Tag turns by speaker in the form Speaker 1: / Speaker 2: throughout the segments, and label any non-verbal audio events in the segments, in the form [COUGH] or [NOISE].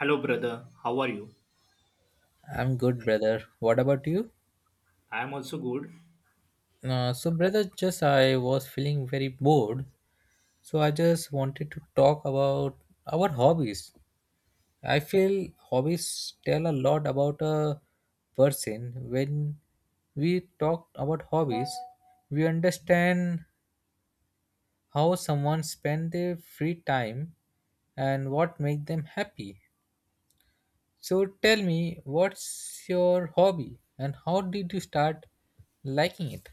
Speaker 1: Hello, brother. How are you?
Speaker 2: I'm good, brother. What about you?
Speaker 1: I am also good.
Speaker 2: So, brother, just I was feeling very bored, so I just wanted to talk about our hobbies. I feel hobbies tell a lot about a person. When we talk about hobbies, we understand how someone spend their free time and what make them happy. So, tell me, what's your hobby and how did you start liking it?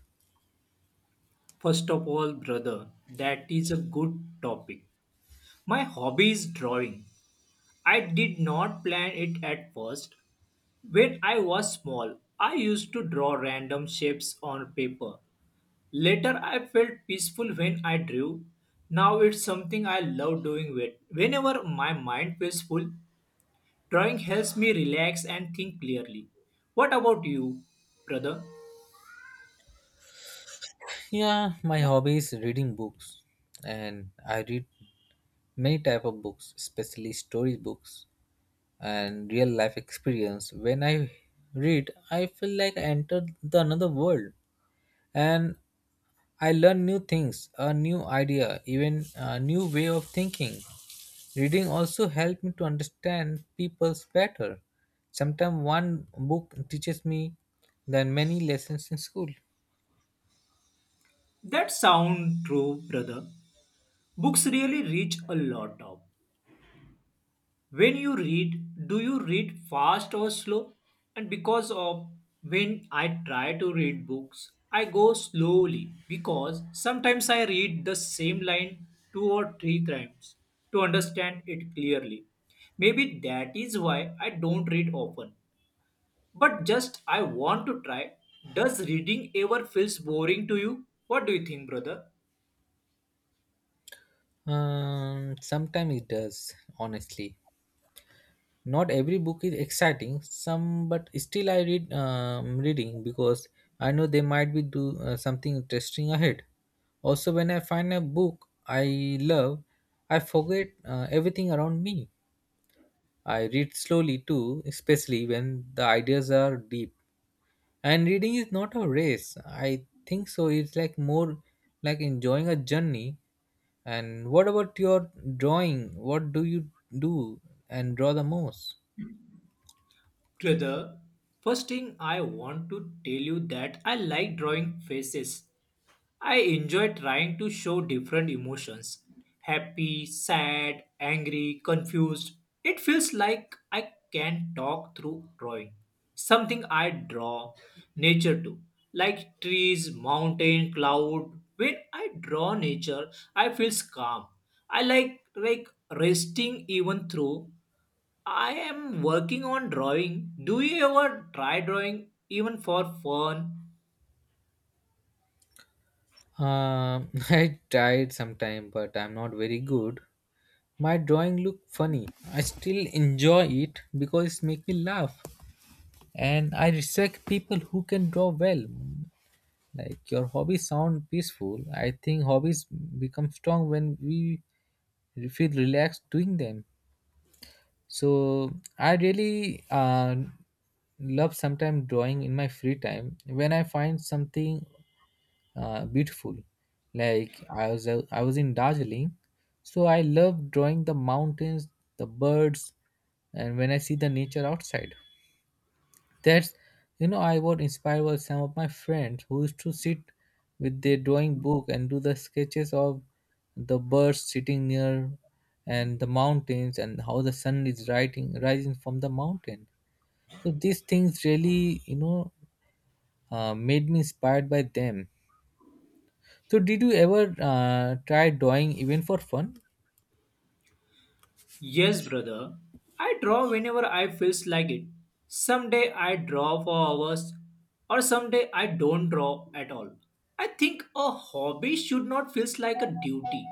Speaker 1: First of all, brother, that is a good topic. My hobby is drawing. I did not plan it at first. When I was small, I used to draw random shapes on paper. Later, I felt peaceful when I drew. Now it's something I love doing with. Whenever my mind feels full, drawing helps me relax and think clearly. What about you, brother?
Speaker 2: Yeah, my hobby is reading books, and I read many type of books, especially story books and real life experience. When I read, I feel like I enter the another world, and I learn new things, a new idea, even a new way of thinking. Reading also helped me to understand people's better. Sometimes one book teaches me than many lessons in school.
Speaker 1: That sound true, brother. Books really reach a lot of. When you read, do you read fast or slow? And because of when I try to read books, I go slowly because sometimes I read the same line two or three times to understand it clearly. Maybe that is why I don't read often. But just I want to try. Does reading ever feels boring to you? What do you think, brother?
Speaker 2: Sometimes it does, honestly. Not every book is exciting, some but still I reading because I know they might be do something interesting ahead. Also when I find a book I love, I forget everything around me. I read slowly too, especially when the ideas are deep, and reading is not a race, I think. So it's like more like enjoying a journey. And what about your drawing? What do you do and draw the most?
Speaker 1: Brother, first thing I want to tell you that I like drawing faces. I enjoy trying to show different emotions happy, sad, angry, confused. It feels like I can talk through drawing. Something I draw nature to, like trees, mountain, cloud. When I draw nature, I feel calm. I like resting even through I am working on drawing. Do you ever try drawing even for fun?
Speaker 2: [LAUGHS] I tried sometime, but I'm not very good. My drawing look funny. I still enjoy it because it make me laugh, and I respect people who can draw well. Like your hobbies sound peaceful. I think hobbies become strong when we feel relaxed doing them. So I really love sometimes drawing in my free time when I find something beautiful. Like I was in Darjeeling, so I love drawing the mountains, the birds, and when I see the nature outside. That's, I was inspired by some of my friends who used to sit with their drawing book and do the sketches of the birds sitting near, and the mountains, and how the sun is rising from the mountain. So these things really made me inspired by them. So, did you ever try drawing even for fun?
Speaker 1: Yes, brother. I draw whenever I feels like it. Someday I draw for hours or someday I don't draw at all. I think a hobby should not feels like a duty.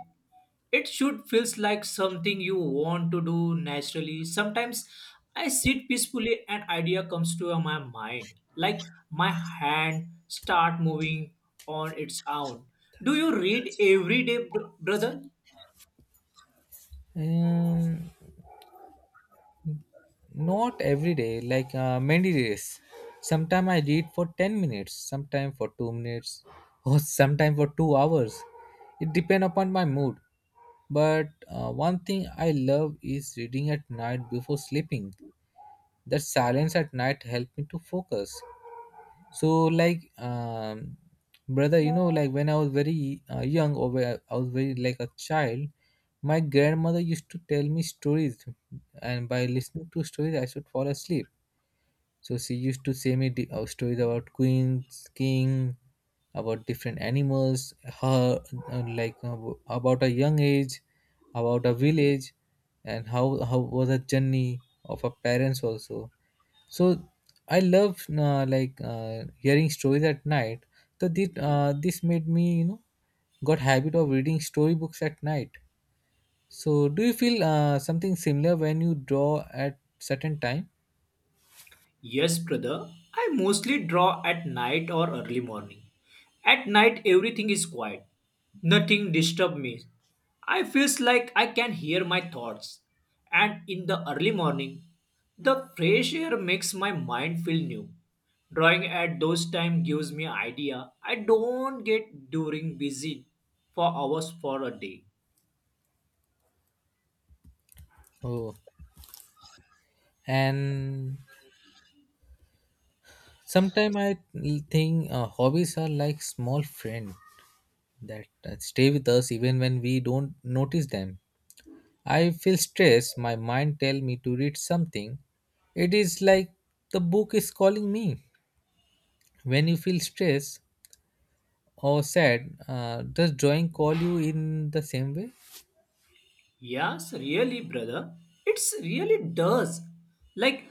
Speaker 1: It should feels like something you want to do naturally. Sometimes I sit peacefully and idea comes to my mind, like my hand start moving on its own. Do you read every day, brother?
Speaker 2: Um, Not every day, like many days. Sometimes I read for 10 minutes, sometimes for 2 minutes, or [LAUGHS] sometimes for 2 hours. It depends upon my mood. But one thing I love is reading at night before sleeping. The silence at night helps me to focus. So like brother, like when I was very young, or when I was very like a child, my grandmother used to tell me stories, and by listening to stories I should fall asleep. So she used to say me stories about queens, king, about different animals, her, like, about a young age, about a village, and how was a journey of her parents also. So I love like hearing stories at night. So this made me, got habit of reading storybooks at night. So do you feel something similar when you draw at certain time?
Speaker 1: Yes, brother. I mostly draw at night or early morning. At night everything is quiet. Nothing disturb me. I feels like I can hear my thoughts. And in the early morning, the fresh air makes my mind feel new. Drawing at those time gives me idea I don't get during busy for hours for a day.
Speaker 2: Oh, and sometime I think hobbies are like small friend that stay with us even when we don't notice them. I feel stressed. My mind tell me to read something. It is like the book is calling me. When you feel stressed or sad, does drawing call you in the same way?
Speaker 1: Yes, really, brother. It's really does. Like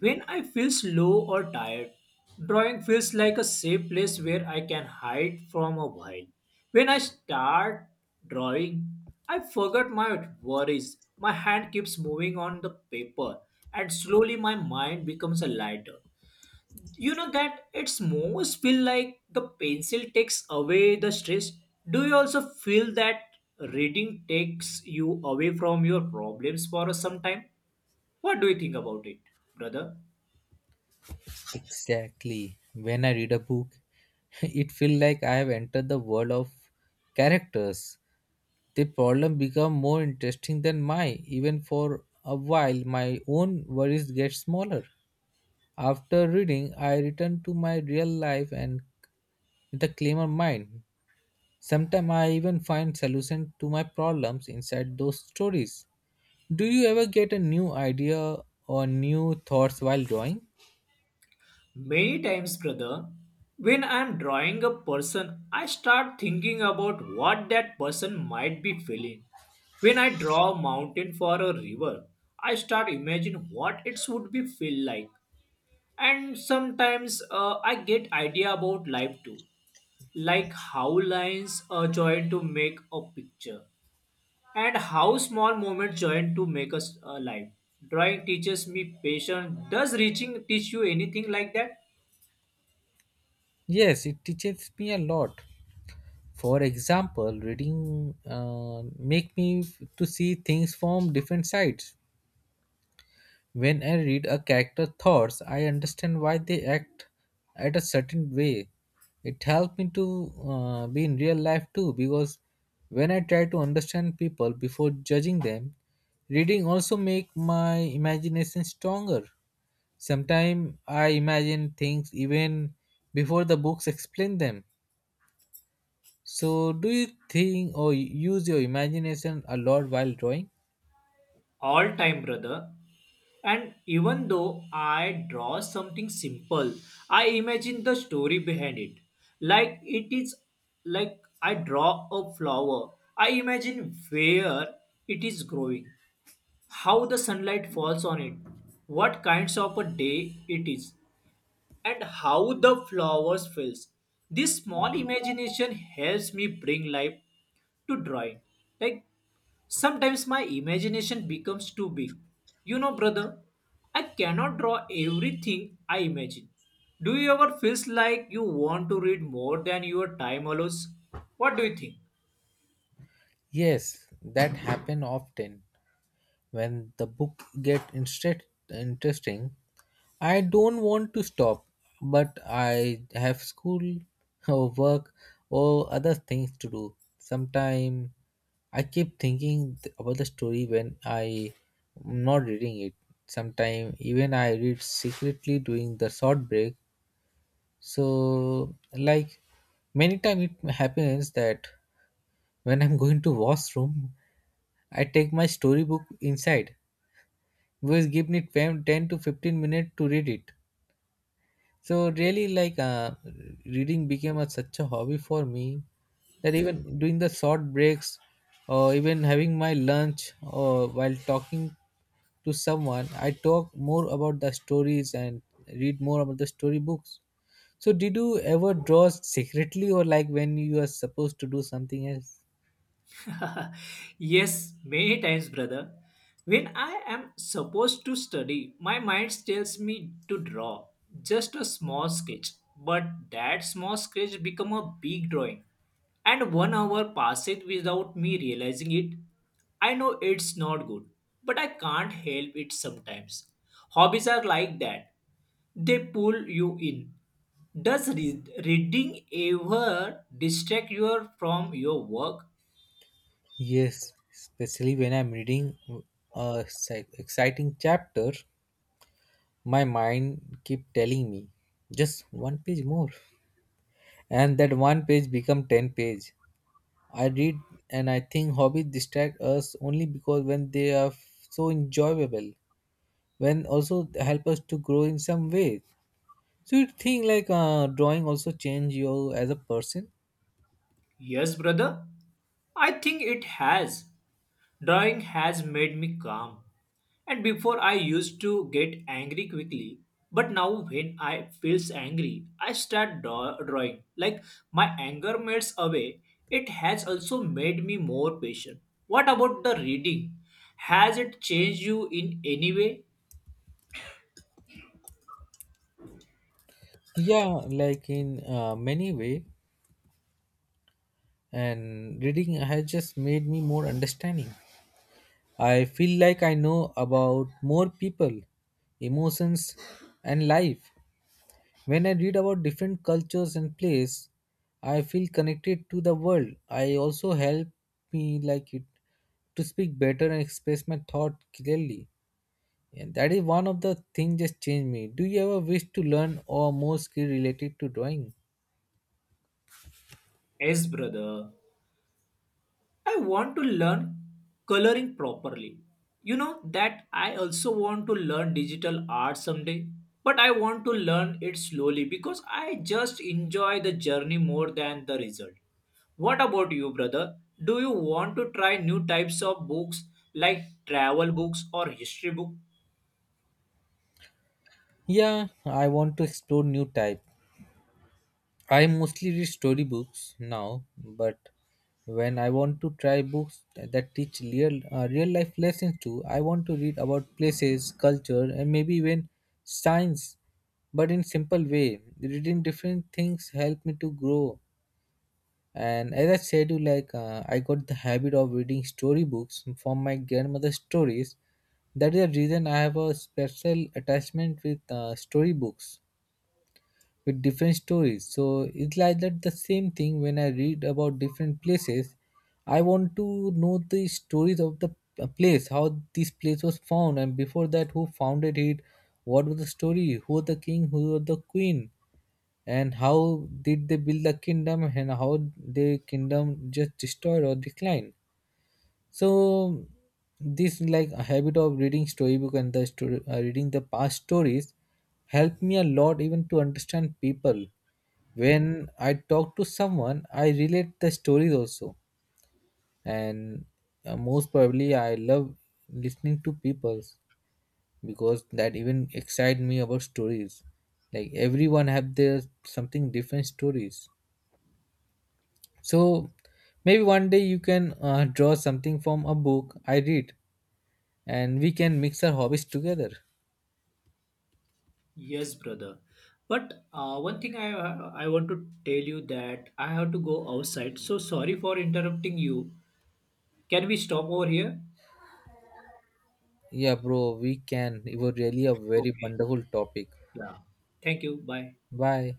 Speaker 1: when I feel slow or tired, drawing feels like a safe place where I can hide from a while. When I start drawing, I forget my worries. My hand keeps moving on the paper, and slowly my mind becomes a lighter. You know that it's most feel like the pencil takes away the stress. Do you also feel that reading takes you away from your problems for some time? What do you think about it, brother?
Speaker 2: Exactly. When I read a book, [LAUGHS] it feels like I have entered the world of characters. The problem become more interesting than mine. Even for a while, my own worries get smaller. After reading, I return to my real life and with a clearer mind. Sometimes I even find solution to my problems inside those stories. Do you ever get a new idea or new thoughts while drawing?
Speaker 1: Many times, brother. When I'm drawing a person, I start thinking about what that person might be feeling. When I draw a mountain for a river, I start imagine what it would be feel like. And sometimes I get idea about life too, like how lines join to make a picture, and how small moments join to make us a life. Drawing teaches me patience. Does reaching teach you anything like that?
Speaker 2: Yes, it teaches me a lot. For example, reading make me to see things from different sides. When I read a character's thoughts, I understand why they act at a certain way. It helped me to be in real life too, because when I try to understand people before judging them, reading also make my imagination stronger. Sometimes I imagine things even before the books explain them. So, do you think or use your imagination a lot while drawing?
Speaker 1: All time, brother. And even though I draw something simple, I imagine the story behind it. Like it is like I draw a flower. I imagine where it is growing how the sunlight falls on it, what kinds of a day it is, and how the flowers feels. This small imagination helps me bring life to drawing. Like sometimes my imagination becomes too big. You know, brother, I cannot draw everything I imagine. Do you ever feel like you want to read more than your time allows? What do you think?
Speaker 2: Yes, that happen often when the book get instead interesting. I don't want to stop, but I have school [LAUGHS] or work or other things to do. Sometimes I keep thinking about the story when I am not reading it. Sometimes even I read secretly during the short break. So like many times it happens that when I'm [LAUGHS] going to washroom, I take my storybook inside, which give me 10 to 15 minutes to read it. So really, like reading became such a hobby for me that even during the short breaks, or even having my lunch, or while talking to someone, I talk more about the stories and read more about the story books. So did you ever draw secretly, or like when you are supposed to do something else?
Speaker 1: [LAUGHS] Yes, many times, brother. When I am supposed to study, my mind tells me to draw just a small sketch. But that small sketch become a big drawing, and 1 hour passes without me realizing it. I know it's not good, but I can't help it sometimes. Hobbies are like that; they pull you in. Does reading ever distract you from your work?
Speaker 2: Yes, especially when I'm reading a exciting chapter, my mind keep telling me just one page more, and that one page become 10 page I read. And I think hobbies distract us only because when they are so enjoyable, when also help us to grow in some way. So you think like drawing also change you as a person?
Speaker 1: Yes, brother. I think it has. Drawing has made me calm. And before I used to get angry quickly, but now when I feels angry, I start drawing. Like my anger melts away. It has also made me more patient. What about the reading? Has it changed you in any way?
Speaker 2: Yeah, like in many way, and reading has just made me more understanding. I feel like I know about more people, emotions, and life. When I read about different cultures and places, I feel connected to the world. I also help me like it to speak better and express my thought clearly. And that is one of the things just changed me. Do you ever wish to learn or more skill related to drawing?
Speaker 1: Yes, brother. I want to learn coloring properly. You know that I also want to learn digital art someday, but I want to learn it slowly because I just enjoy the journey more than the result. What about you, brother? Do you want to try new types of books like travel books or history book?
Speaker 2: Yeah, I want to explore new type. I mostly read storybooks now, but when I want to try books that teach real life lessons too, I want to read about places, culture, and maybe even science, but in simple way. Reading different things help me to grow. And as I said, you like I got the habit of reading storybooks from my grandmother's stories. That is the reason I have a special attachment with storybooks with different stories. So it's like that the same thing when I read about different places. I want to know the stories of the place, how this place was found, and before that, who founded it, what was the story, who was the king, who was the queen, and how did they build the kingdom, and how their kingdom just destroyed or declined. So this like a habit of reading storybook and the story reading the past stories helped me a lot, even to understand people. When I talk to someone I relate the stories also. And most probably I love listening to people's, because that even excite me about stories. Like everyone have their something different stories. So maybe one day you can draw something from a book I read, and we can mix our hobbies together.
Speaker 1: Yes, brother. But one thing I want to tell you that I have to go outside. So sorry for interrupting you. Can we stop over here?
Speaker 2: Yeah, bro, we can. It was really a very
Speaker 1: Okay.
Speaker 2: wonderful topic.
Speaker 1: Yeah. Thank you. Bye.
Speaker 2: Bye.